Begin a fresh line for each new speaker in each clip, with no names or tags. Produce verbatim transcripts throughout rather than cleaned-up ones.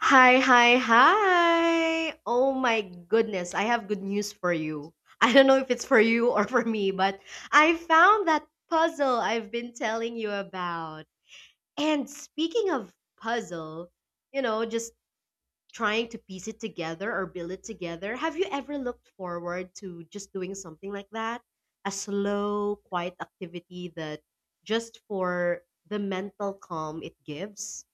Hi, hi, hi. Oh my goodness, I have good news for you. I don't know if it's for you or for me, but I found that puzzle I've been telling you about. And speaking of puzzle, you know, just trying to piece it together or build it together, have you ever looked forward to just doing something like that? A slow, quiet activity that just for the mental calm it gives?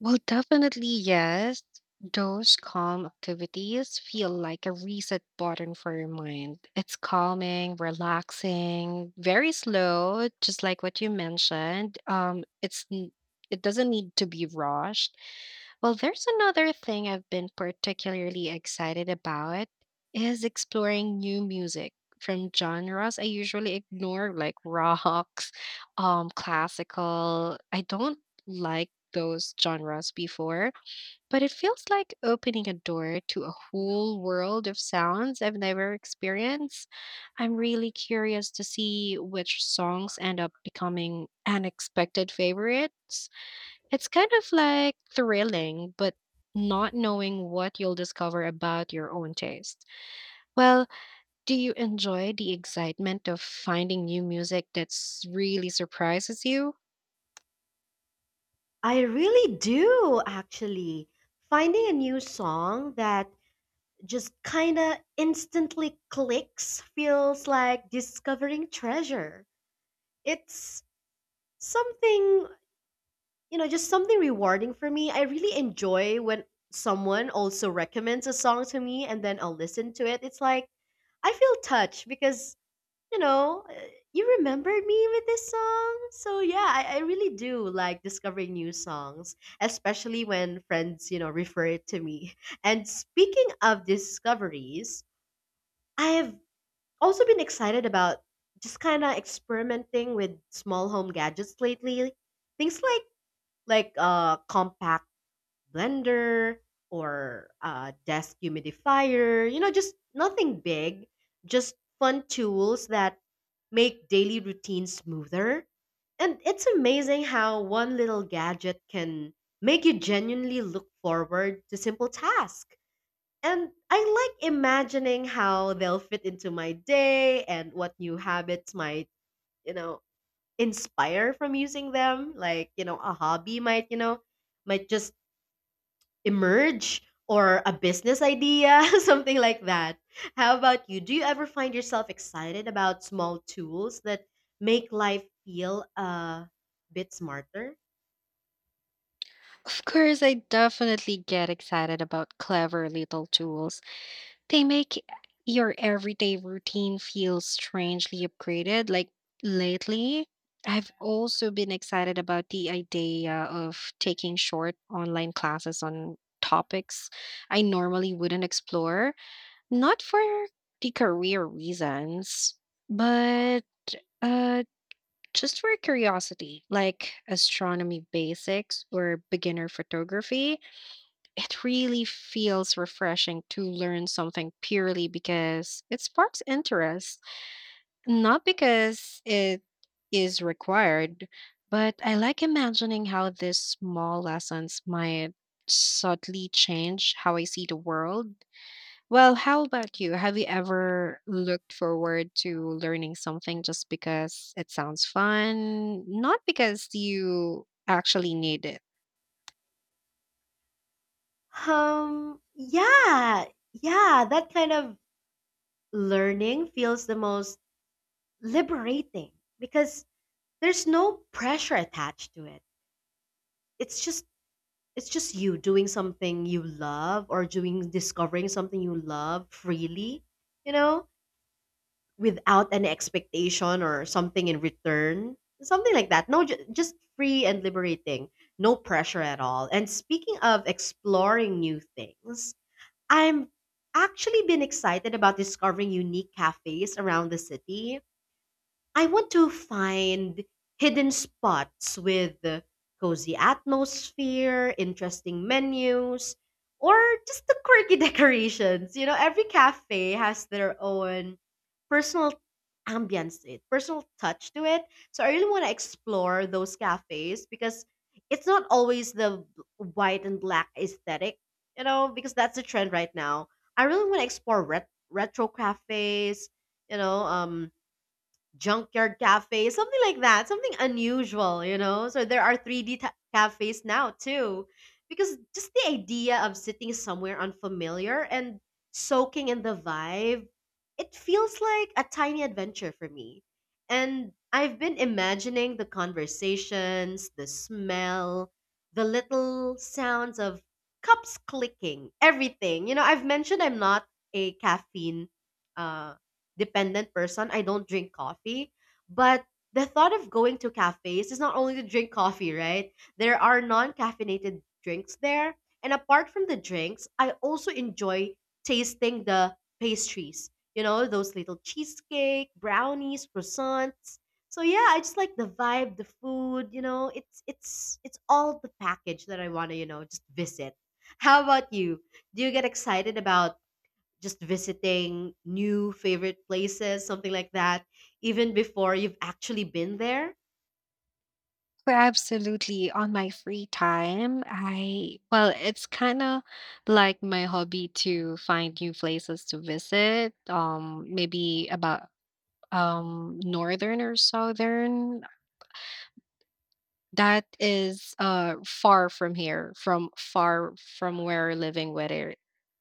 Well, definitely yes. Those calm activities feel like a reset button for your mind. It's calming, relaxing, very slow, just like what you mentioned. Um, it's n- it doesn't need to be rushed. Well, there's another thing I've been particularly excited about is exploring new music from genres I usually ignore, like rocks, um, classical. I don't like those genres before, but it feels like opening a door to a whole world of sounds I've never experienced. I'm really curious to see which songs end up becoming unexpected favorites. It's kind of like thrilling, but not knowing what you'll discover about your own taste. Well, do you enjoy the excitement of finding new music that's really surprises you?
I really do, actually. Finding a new song that just kind of instantly clicks feels like discovering treasure. It's something, you know, just something rewarding for me. I really enjoy when someone also recommends a song to me and then I'll listen to it. It's like I feel touched because you know, uh, you remembered me with this song. So yeah, I, I really do like discovering new songs, especially when friends, you know, refer it to me. And speaking of discoveries, I have also been excited about just kind of experimenting with small home gadgets lately. Things like like a compact blender or a desk humidifier, you know, just nothing big, just fun tools that make daily routines smoother. And it's amazing how one little gadget can make you genuinely look forward to simple tasks. And I like imagining how they'll fit into my day and what new habits might, you know, inspire from using them. Like, you know, a hobby might, you know, might just emerge or a business idea, something like that. How about you? Do you ever find yourself excited about small tools that make life feel a bit smarter?
Of course, I definitely get excited about clever little tools. They make your everyday routine feel strangely upgraded. Like lately, I've also been excited about the idea of taking short online classes on topics I normally wouldn't explore, not for the career reasons, but uh, just for curiosity, like astronomy basics or beginner photography. It really feels refreshing to learn something purely because it sparks interest, not because it is required, but I like imagining how these small lessons might subtly change how I see the world. Well, how about you? Have you ever looked forward to learning something just because it sounds fun, not because you actually need it?
Um, yeah, yeah, that kind of learning feels the most liberating because there's no pressure attached to it. It's just it's just you doing something you love or doing discovering something you love freely, you know? Without an expectation or something in return, something like that. No ju- Just free and liberating, no pressure at all. And speaking of exploring new things, i'm actually been excited about discovering unique cafes around the city. I want to find hidden spots with a cozy atmosphere, interesting menus, or just the quirky decorations. You know, every cafe has their own personal ambience, to it personal touch to it. So I really want to explore those cafes because it's not always the b- white and black aesthetic, you know, because that's the trend right now. I really want to explore ret- retro cafes, you know, um, junkyard cafe, something like that, something unusual, you know? So there are three D ta- cafes now too. Because just the idea of sitting somewhere unfamiliar and soaking in the vibe, it feels like a tiny adventure for me. And I've been imagining the conversations, the smell, the little sounds of cups clicking, everything. You know, I've mentioned I'm not a caffeine uh dependent person. I don't drink coffee, but the thought of going to cafes is not only to drink coffee, right? There are non-caffeinated drinks there, and apart from the drinks, I also enjoy tasting the pastries. You know, those little cheesecake, brownies, croissants. So yeah, I just like the vibe, the food, you know, it's it's it's all the package that I want to, you know, just visit. How about you? Do you get excited about just visiting new favorite places, something like that, even before you've actually been there?
Well, absolutely. On my free time, I, well, it's kind of like my hobby to find new places to visit. Um, maybe about um northern or southern. That is uh far from here, from far from where we're living, where it,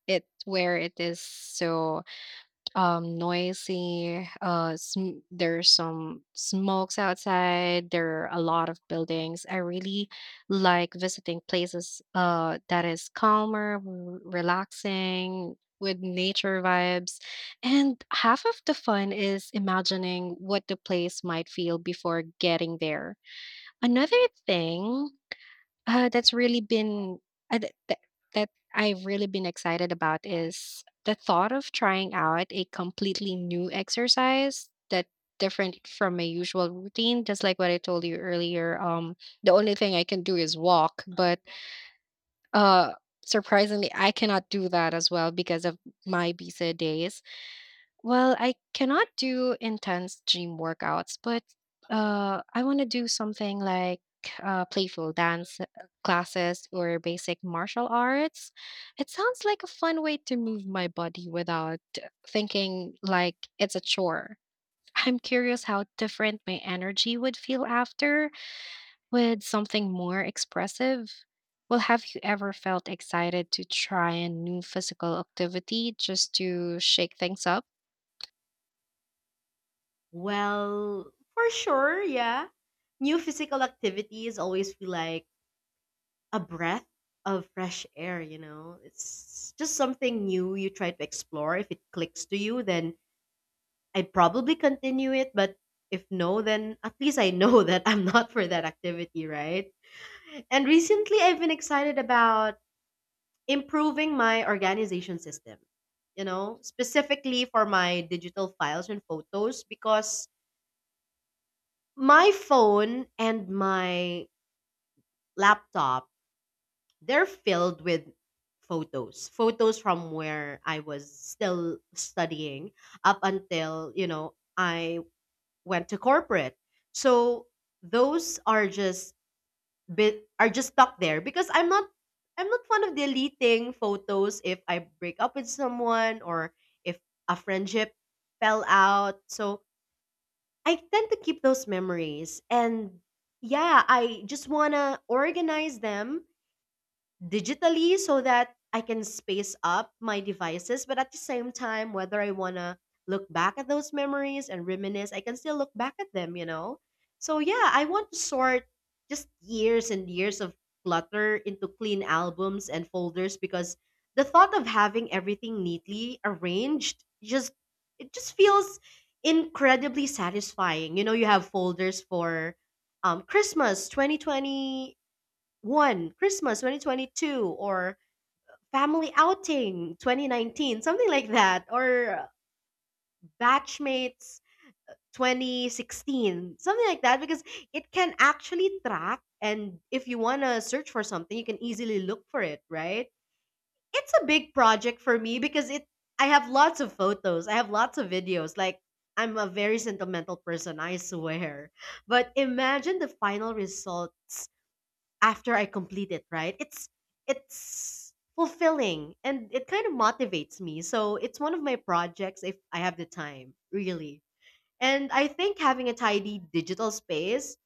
it where it is. So um noisy uh sm- there's some smokes outside, there are a lot of buildings. I really like visiting places uh that is calmer, w- relaxing with nature vibes, and half of the fun is imagining what the place might feel before getting there. Another thing uh, that's really been uh, th- th- that I've really been excited about is the thought of trying out a completely new exercise that different from my usual routine. Just like what I told you earlier, um, the only thing I can do is walk, but uh, surprisingly, I cannot do that as well because of my busy days. Well, I cannot do intense gym workouts, but uh, I want to do something like uh, playful dance uh, classes or basic martial arts. It sounds like a fun way to move my body without thinking like it's a chore. I'm curious how different my energy would feel after with something more expressive. Well, have you ever felt excited to try a new physical activity just to shake things up?
Well, for sure, yeah. New physical activities always feel like a breath of fresh air, you know? It's just something new you try to explore. If it clicks to you, then I'd probably continue it. But if no, then at least I know that I'm not for that activity, right? And recently, I've been excited about improving my organization system, you know, specifically for my digital files and photos because my phone and my laptop, they're filled with photos. Photos from where I was still studying up until, you know, I went to corporate. So those are just bit are just stuck there because I'm not I'm not fond of deleting photos if I break up with someone or if a friendship fell out. So I tend to keep those memories and yeah, I just want to organize them digitally so that I can space up my devices. But at the same time, whether I want to look back at those memories and reminisce, I can still look back at them, you know? So, yeah, I want to sort just years and years of clutter into clean albums and folders because the thought of having everything neatly arranged just it just feels incredibly satisfying. You know, you have folders for um christmas twenty twenty, one Christmas twenty twenty-two, or family outing twenty nineteen, something like that, or batchmates twenty sixteen, something like that, because it can actually track. And if you want to search for something, you can easily look for it, right? It's a big project for me because it I have lots of photos, I have lots of videos. Like, I'm a very sentimental person, I swear. But imagine the final results after I complete it, right? It's it's fulfilling and it kind of motivates me. So it's one of my projects if I have the time, really. And I think having a tidy digital space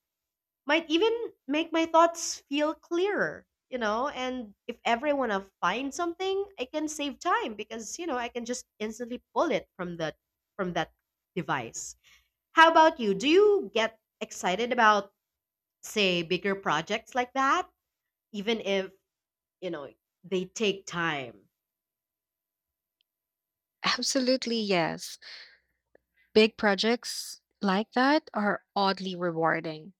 might even make my thoughts feel clearer, you know? And if ever I want to find something, I can save time because, you know, I can just instantly pull it from the from that device. How about you? Do you get excited about say bigger projects like that, even if, you know, they take time?
Absolutely, yes. Big projects like that are oddly rewarding.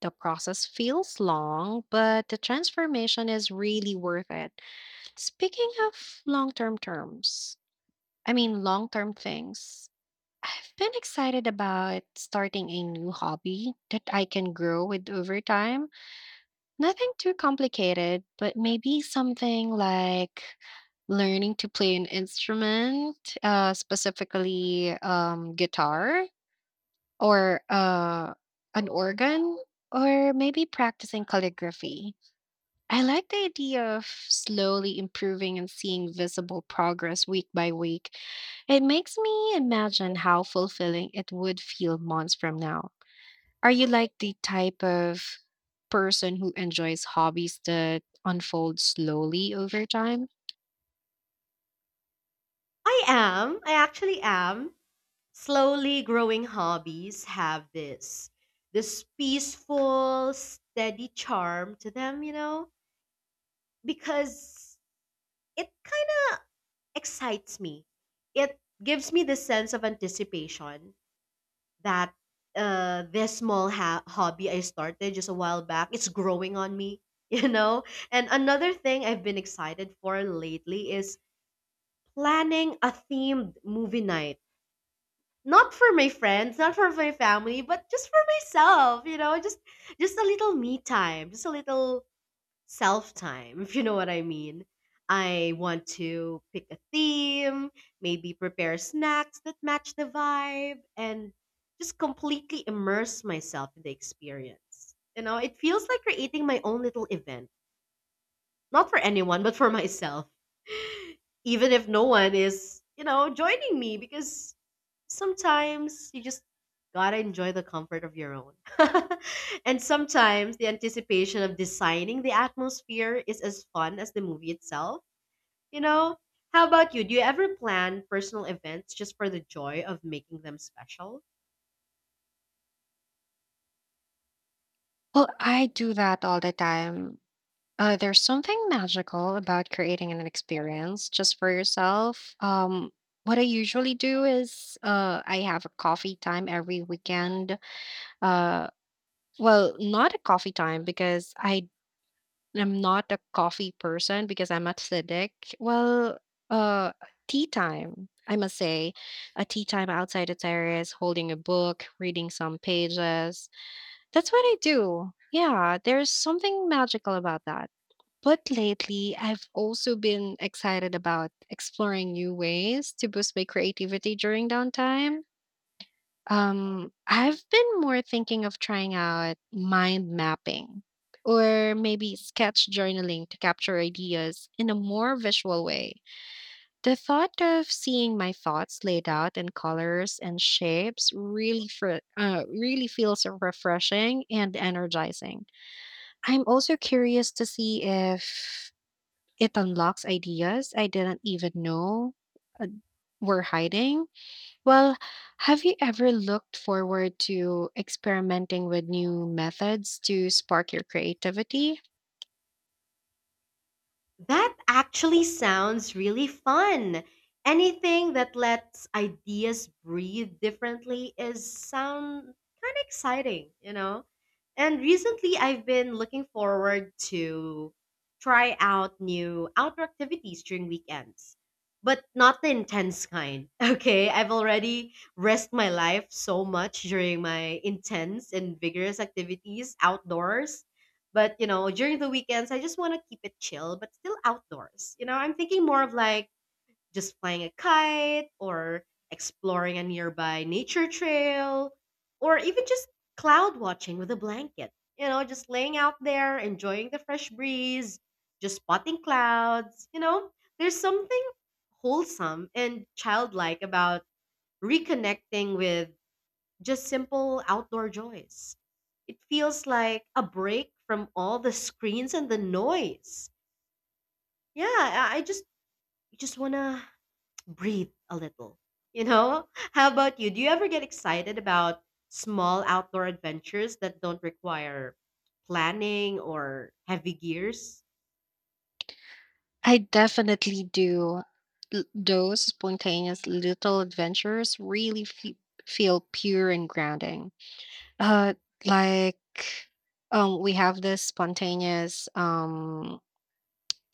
The process feels long, but the transformation is really worth it. Speaking of long term terms, I mean, Long term things, I've been excited about starting a new hobby that I can grow with over time. Nothing too complicated, but maybe something like learning to play an instrument, uh, specifically um, guitar or uh, an organ, or maybe practicing calligraphy. I like the idea of slowly improving and seeing visible progress week by week. It makes me imagine how fulfilling it would feel months from now. Are you like the type of person who enjoys hobbies that unfold slowly over time?
I am, I actually am. Slowly growing hobbies have this this peaceful, steady charm to them, you know, because it kind of excites me. It gives me the sense of anticipation that uh this small ha- hobby I started just a while back, it's growing on me, you know? And another thing I've been excited for lately is planning a themed movie night, not for my friends, not for my family, but just for myself, you know? just just a little me time, just a little self time. If you know what I mean, I want to pick a theme, maybe prepare snacks that match the vibe, and just completely immerse myself in the experience. You know, it feels like creating my own little event, not for anyone but for myself, even if no one is, you know, joining me, because sometimes you just gotta enjoy the comfort of your own. And sometimes the anticipation of designing the atmosphere is as fun as the movie itself, you know? How about you? Do you ever plan personal events just for the joy of making them special?
Well, I do that all the time. Uh, there's something magical about creating an experience just for yourself. Um, what I usually do is uh, I have a coffee time every weekend. Uh, well, not a coffee time because I I'm not a coffee person because I'm acidic. Well, uh, Tea time, I must say, a tea time outside the terrace, holding a book, reading some pages. That's what I do. Yeah, there's something magical about that. But lately, I've also been excited about exploring new ways to boost my creativity during downtime. Um, I've been more thinking of trying out mind mapping or maybe sketch journaling to capture ideas in a more visual way. The thought of seeing my thoughts laid out in colors and shapes really fr- uh, really feels refreshing and energizing. I'm also curious to see if it unlocks ideas I didn't even know were hiding. Well, have you ever looked forward to experimenting with new methods to spark your creativity?
That actually sounds really fun. Anything that lets ideas breathe differently is sound kind of exciting, you know? And recently, I've been looking forward to try out new outdoor activities during weekends, but not the intense kind. Okay, I've already risked my life so much during my intense and vigorous activities outdoors. But you know, during the weekends, I just want to keep it chill, but still outdoors. You know, I'm thinking more of like just flying a kite or exploring a nearby nature trail or even just cloud watching with a blanket. You know, just laying out there, enjoying the fresh breeze, just spotting clouds. You know, there's something wholesome and childlike about reconnecting with just simple outdoor joys. It feels like a break from all the screens and the noise. Yeah, I I just just want to breathe a little. You know? How about you? Do you ever get excited about small outdoor adventures that don't require planning or heavy gears?
I definitely do. L- Those spontaneous little adventures really fe- feel pure and grounding. Uh, like um, we have this spontaneous um,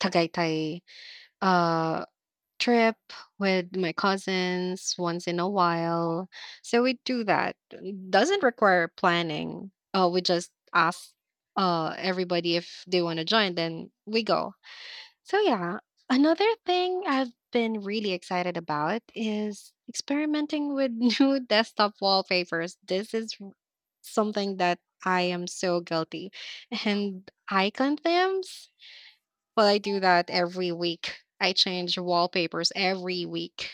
Tagaytay uh, trip with my cousins once in a while. So we do that. It doesn't require planning. Uh, we just ask uh, everybody if they want to join, then we go. So, yeah, another thing I've been really excited about is experimenting with new desktop wallpapers. This is r- something that I am so guilty. And icon themes? Well, I do that every week. I change wallpapers every week.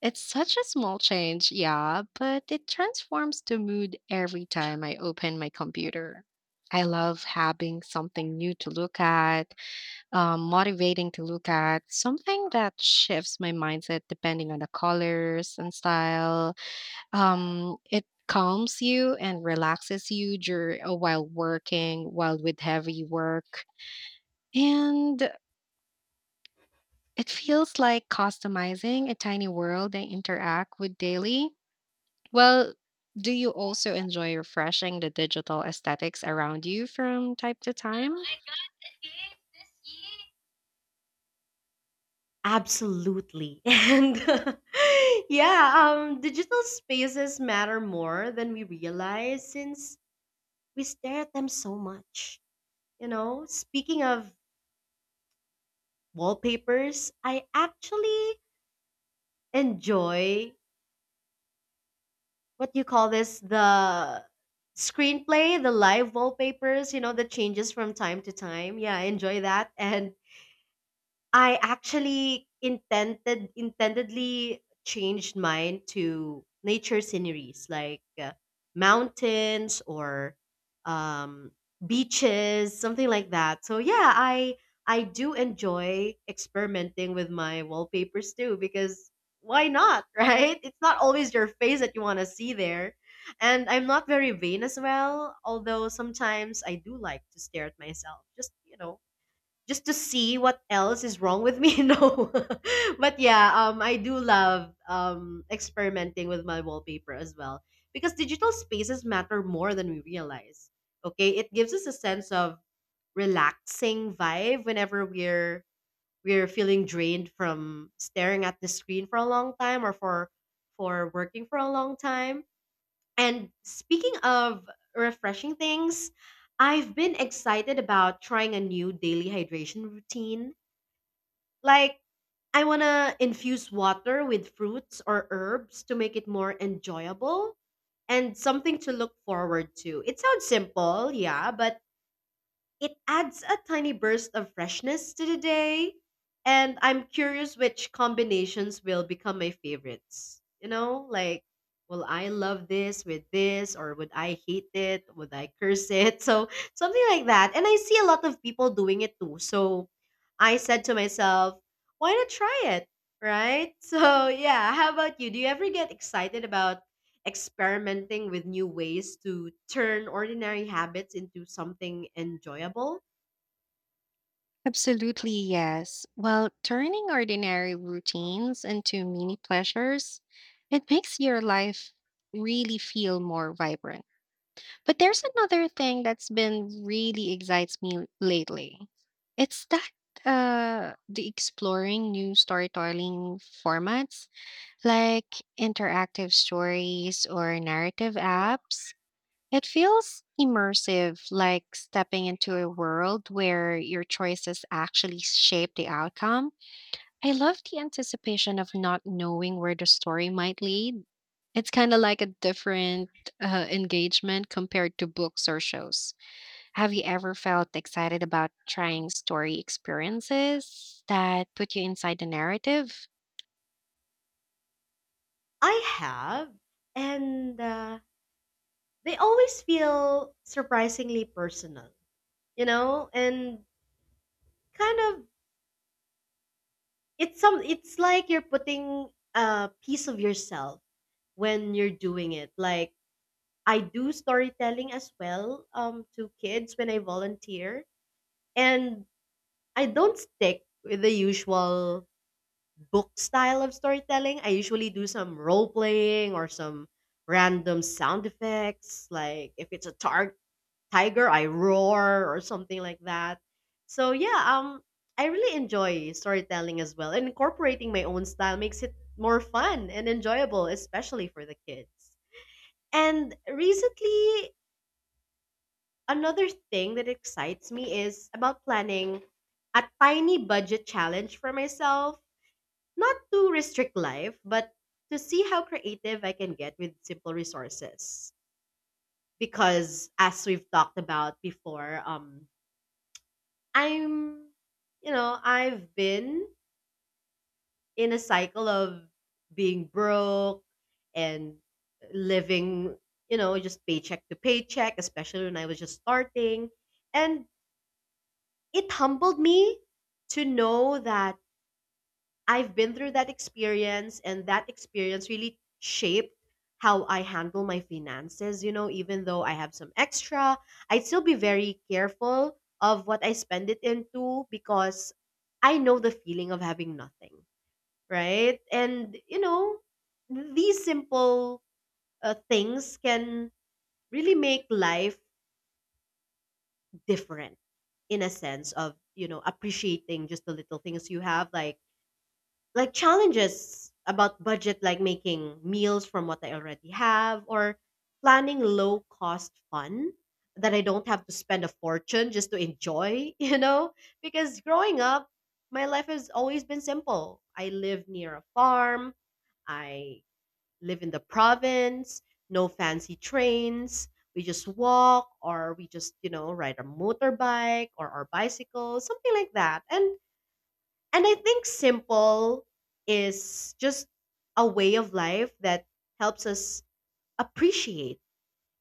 It's such a small change, yeah, but it transforms the mood every time I open my computer. I love having something new to look at, um, motivating to look at, something that shifts my mindset depending on the colors and style. Um, it calms you and relaxes you dur- uh, while working, while with heavy work. And it feels like customizing a tiny world they interact with daily. Well, do you also enjoy refreshing the digital aesthetics around you from time to time?
Absolutely. And yeah, um, digital spaces matter more than we realize since we stare at them so much. You know, speaking of wallpapers, I actually enjoy what do you call this, the screenplay, the live wallpapers, you know, that changes from time to time. Yeah, I enjoy that. And I actually intended intendedly changed mine to nature sceneries like uh, mountains or um, beaches, something like that. So yeah, I I do enjoy experimenting with my wallpapers too because why not, right? It's not always your face that you want to see there. And I'm not very vain as well, although sometimes I do like to stare at myself. Just, you know, just to see what else is wrong with me no but yeah um I do love um experimenting with my wallpaper as well because digital spaces matter more than we realize. Okay, it gives us a sense of relaxing vibe whenever we're we're feeling drained from staring at the screen for a long time or for for working for a long time. And speaking of refreshing things, I've been excited about trying a new daily hydration routine. Like, I want to infuse water with fruits or herbs to make it more enjoyable and something to look forward to. It sounds simple, yeah, but it adds a tiny burst of freshness to the day, and I'm curious which combinations will become my favorites. You know, like, will I love this with this, or would I hate it? Would I curse it? So, something like that. And I see a lot of people doing it too. So, I said to myself, why not try it? Right? So, yeah, how about you? Do you ever get excited about experimenting with new ways to turn ordinary habits into something enjoyable?
Absolutely, yes. Well, turning ordinary routines into mini pleasures, it makes your life really feel more vibrant. But there's another thing that's been really excites me lately. It's that uh the exploring new storytelling formats like interactive stories or narrative apps. It feels immersive, like stepping into a world where your choices actually shape the outcome. I love the anticipation of not knowing where the story might lead. It's kind of like a different uh, engagement compared to books or shows. Have you ever felt excited about trying story experiences that put you inside the narrative?
I have, and uh, they always feel surprisingly personal, you know, and kind of it's some it's like you're putting a piece of yourself when you're doing it. Like I do storytelling as well um to kids when I volunteer, and I don't stick with the usual book style of storytelling. I usually do some role playing or some random sound effects. Like if it's a tar- tiger, I roar or something like that. So yeah, um, I really enjoy storytelling as well. And incorporating my own style makes it more fun and enjoyable, especially for the kids. And recently, another thing that excites me is about planning a tiny budget challenge for myself, not to restrict life, but to see how creative I can get with simple resources. Because as we've talked about before, um, I'm, you know, I've been in a cycle of being broke and living, you know, just paycheck to paycheck, especially when I was just starting. And it humbled me to know that I've been through that experience, and that experience really shaped how I handle my finances. You know, even though I have some extra, I'd still be very careful of what I spend it into because I know the feeling of having nothing, right? And, you know, these simple uh, things can really make life different in a sense of, you know, appreciating just the little things you have, like like challenges about budget like making meals from what I already have or planning low cost fun that I don't have to spend a fortune just to enjoy, you know? Because growing up, my life has always been simple. I live near a farm, I live in the province, no fancy trains. We just walk or we just, you know, ride a motorbike or our bicycle, something like that. And and I think simple is just a way of life that helps us appreciate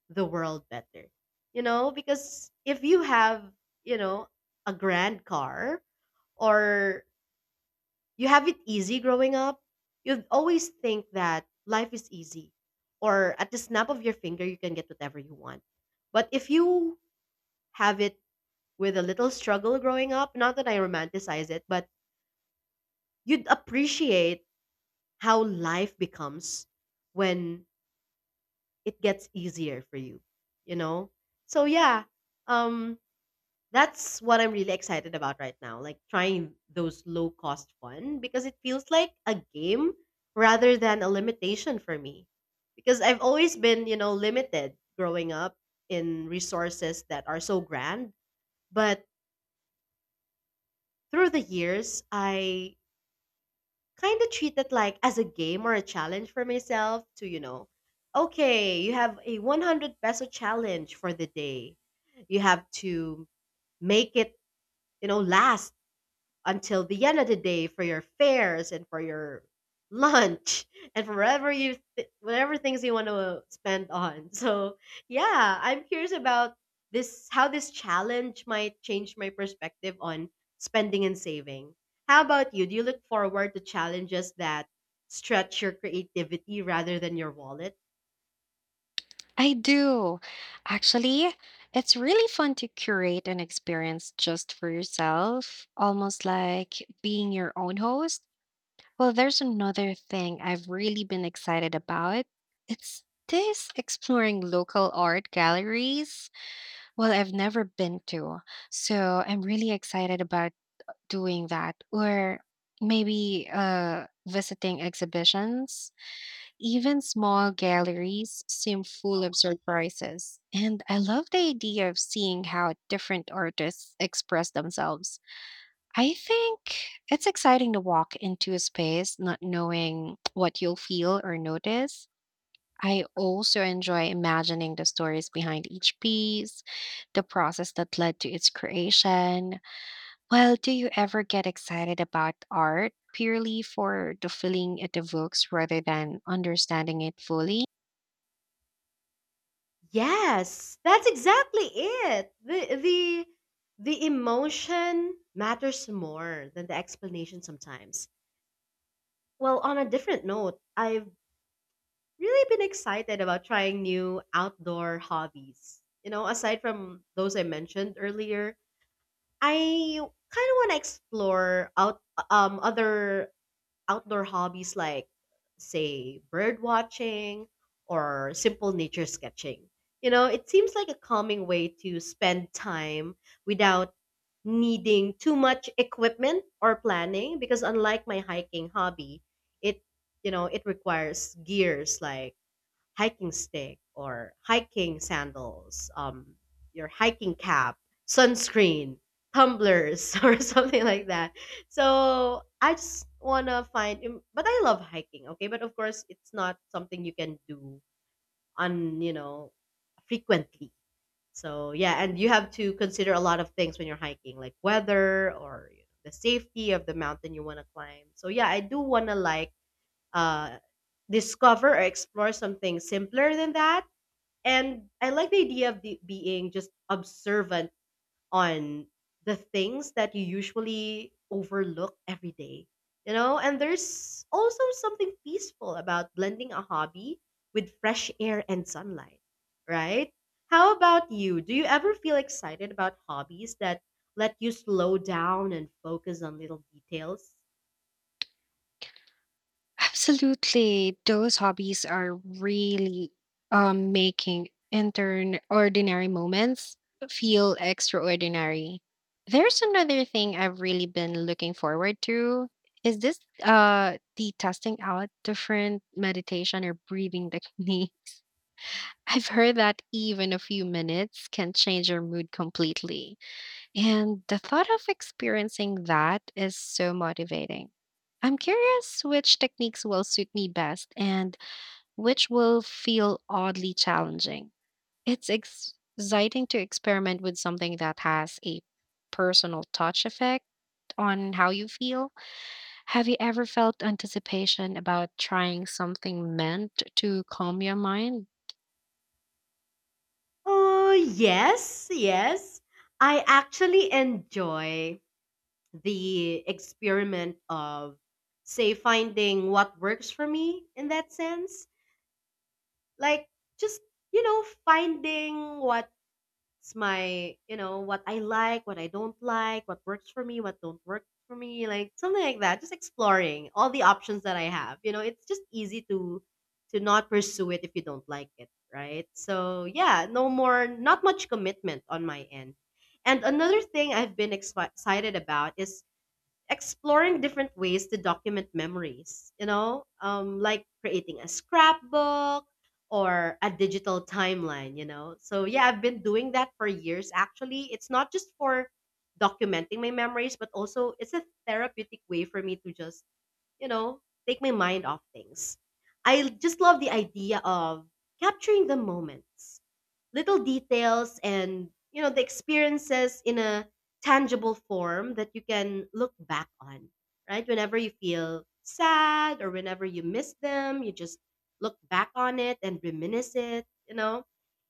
the world better. You know, because if you have, you know, a grand car or you have it easy growing up, you would always think that life is easy or at the snap of your finger you can get whatever you want. But if you have it with a little struggle growing up, not that I romanticize it, but you'd appreciate how life becomes when it gets easier for you, you know. So yeah, um that's what I'm really excited about right now, like trying those low cost fun because it feels like a game rather than a limitation for me, because I've always been, you know, limited growing up in resources that are so grand. But through the years I kind of treat it like as a game or a challenge for myself to, you know, okay, you have a one hundred peso challenge for the day. You have to make it, you know, last until the end of the day for your fares and for your lunch and for whatever you th- whatever things you want to spend on. So yeah, I'm curious about this how this challenge might change my perspective on spending and saving. How about you? Do you look forward to challenges that stretch your creativity rather than your wallet?
I do. Actually, it's really fun to curate an experience just for yourself, almost like being your own host. Well, there's another thing I've really been excited about. It's this exploring local art galleries. Well, I've never been to, so I'm really excited about doing that or maybe uh, visiting exhibitions. Even small galleries seem full of surprises. And I love the idea of seeing how different artists express themselves. I think it's exciting to walk into a space not knowing what you'll feel or notice. I also enjoy imagining the stories behind each piece, the process that led to its creation. Well, do you ever get excited about art purely for the feeling it evokes rather than understanding it fully?
Yes, that's exactly it. The the the emotion matters more than the explanation sometimes. Well, on a different note, I've really been excited about trying new outdoor hobbies. You know, aside from those I mentioned earlier, I kind of want to explore out um other outdoor hobbies like, say, bird watching or simple nature sketching. You know, it seems like a calming way to spend time without needing too much equipment or planning, because unlike my hiking hobby, it, you know, it requires gears like hiking stick or hiking sandals, um, your hiking cap, sunscreen, tumblers, or something like that. So I just wanna find, im- but I love hiking. Okay, but of course it's not something you can do on, you know, frequently. So yeah, and you have to consider a lot of things when you're hiking, like weather or, you know, the safety of the mountain you want to climb. So yeah, I do want to like uh discover or explore something simpler than that, and I like the idea of the, being just observant on the things that you usually overlook every day. You know, and there's also something peaceful about blending a hobby with fresh air and sunlight, right? How about you? Do you ever feel excited about hobbies that let you slow down and focus on little details?
Absolutely. Those hobbies are really um, making intern ordinary moments feel extraordinary. There's another thing I've really been looking forward to. Is this uh the testing out different meditation or breathing technique? I've heard that even a few minutes can change your mood completely. And the thought of experiencing that is so motivating. I'm curious which techniques will suit me best and which will feel oddly challenging. It's ex- exciting to experiment with something that has a personal touch effect on how you feel. Have you ever felt anticipation about trying something meant to calm your mind?
Oh, yes, yes. I actually enjoy the experiment of, say, finding what works for me in that sense. Like just, you know, finding what's my, you know, what I like, what I don't like, what works for me, what don't work for me, like something like that, just exploring all the options that I have. You know, it's just easy to to not pursue it if you don't like it, right? So yeah, no more, not much commitment on my end. And another thing I've been expi- excited about is exploring different ways to document memories, you know, um, like creating a scrapbook or a digital timeline, you know. So, yeah, I've been doing that for years actually. It's not just for documenting my memories, but also it's a therapeutic way for me to just, you know, take my mind off things. I just love the idea of capturing the moments, little details, and, you know, the experiences in a tangible form that you can look back on, right? Whenever you feel sad or whenever you miss them, you just look back on it and reminisce it, you know?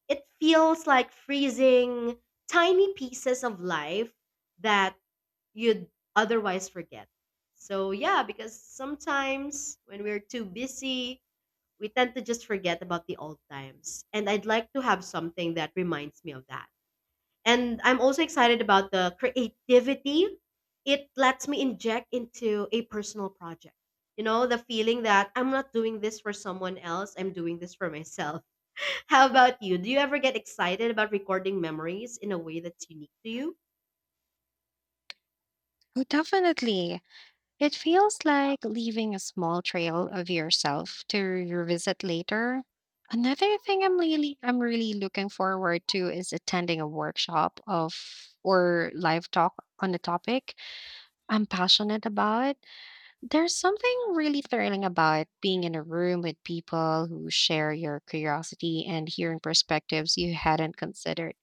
It feels like freezing tiny pieces of life that you'd otherwise forget. So, yeah, because sometimes when we're too busy, we tend to just forget about the old times. And I'd like to have something that reminds me of that. And I'm also excited about the creativity it lets me inject into a personal project. You know, the feeling that I'm not doing this for someone else, I'm doing this for myself. How about you? Do you ever get excited about recording memories in a way that's unique to you?
Oh, definitely. It feels like leaving a small trail of yourself to revisit later. Another thing I'm really I'm really looking forward to is attending a workshop of or live talk on a topic I'm passionate about. There's something really thrilling about being in a room with people who share your curiosity and hearing perspectives you hadn't considered.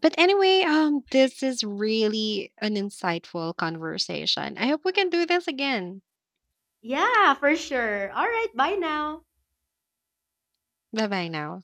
But anyway, um, this is really an insightful conversation. I hope we can do this again.
Yeah, for sure. All right, bye now.
Bye-bye now.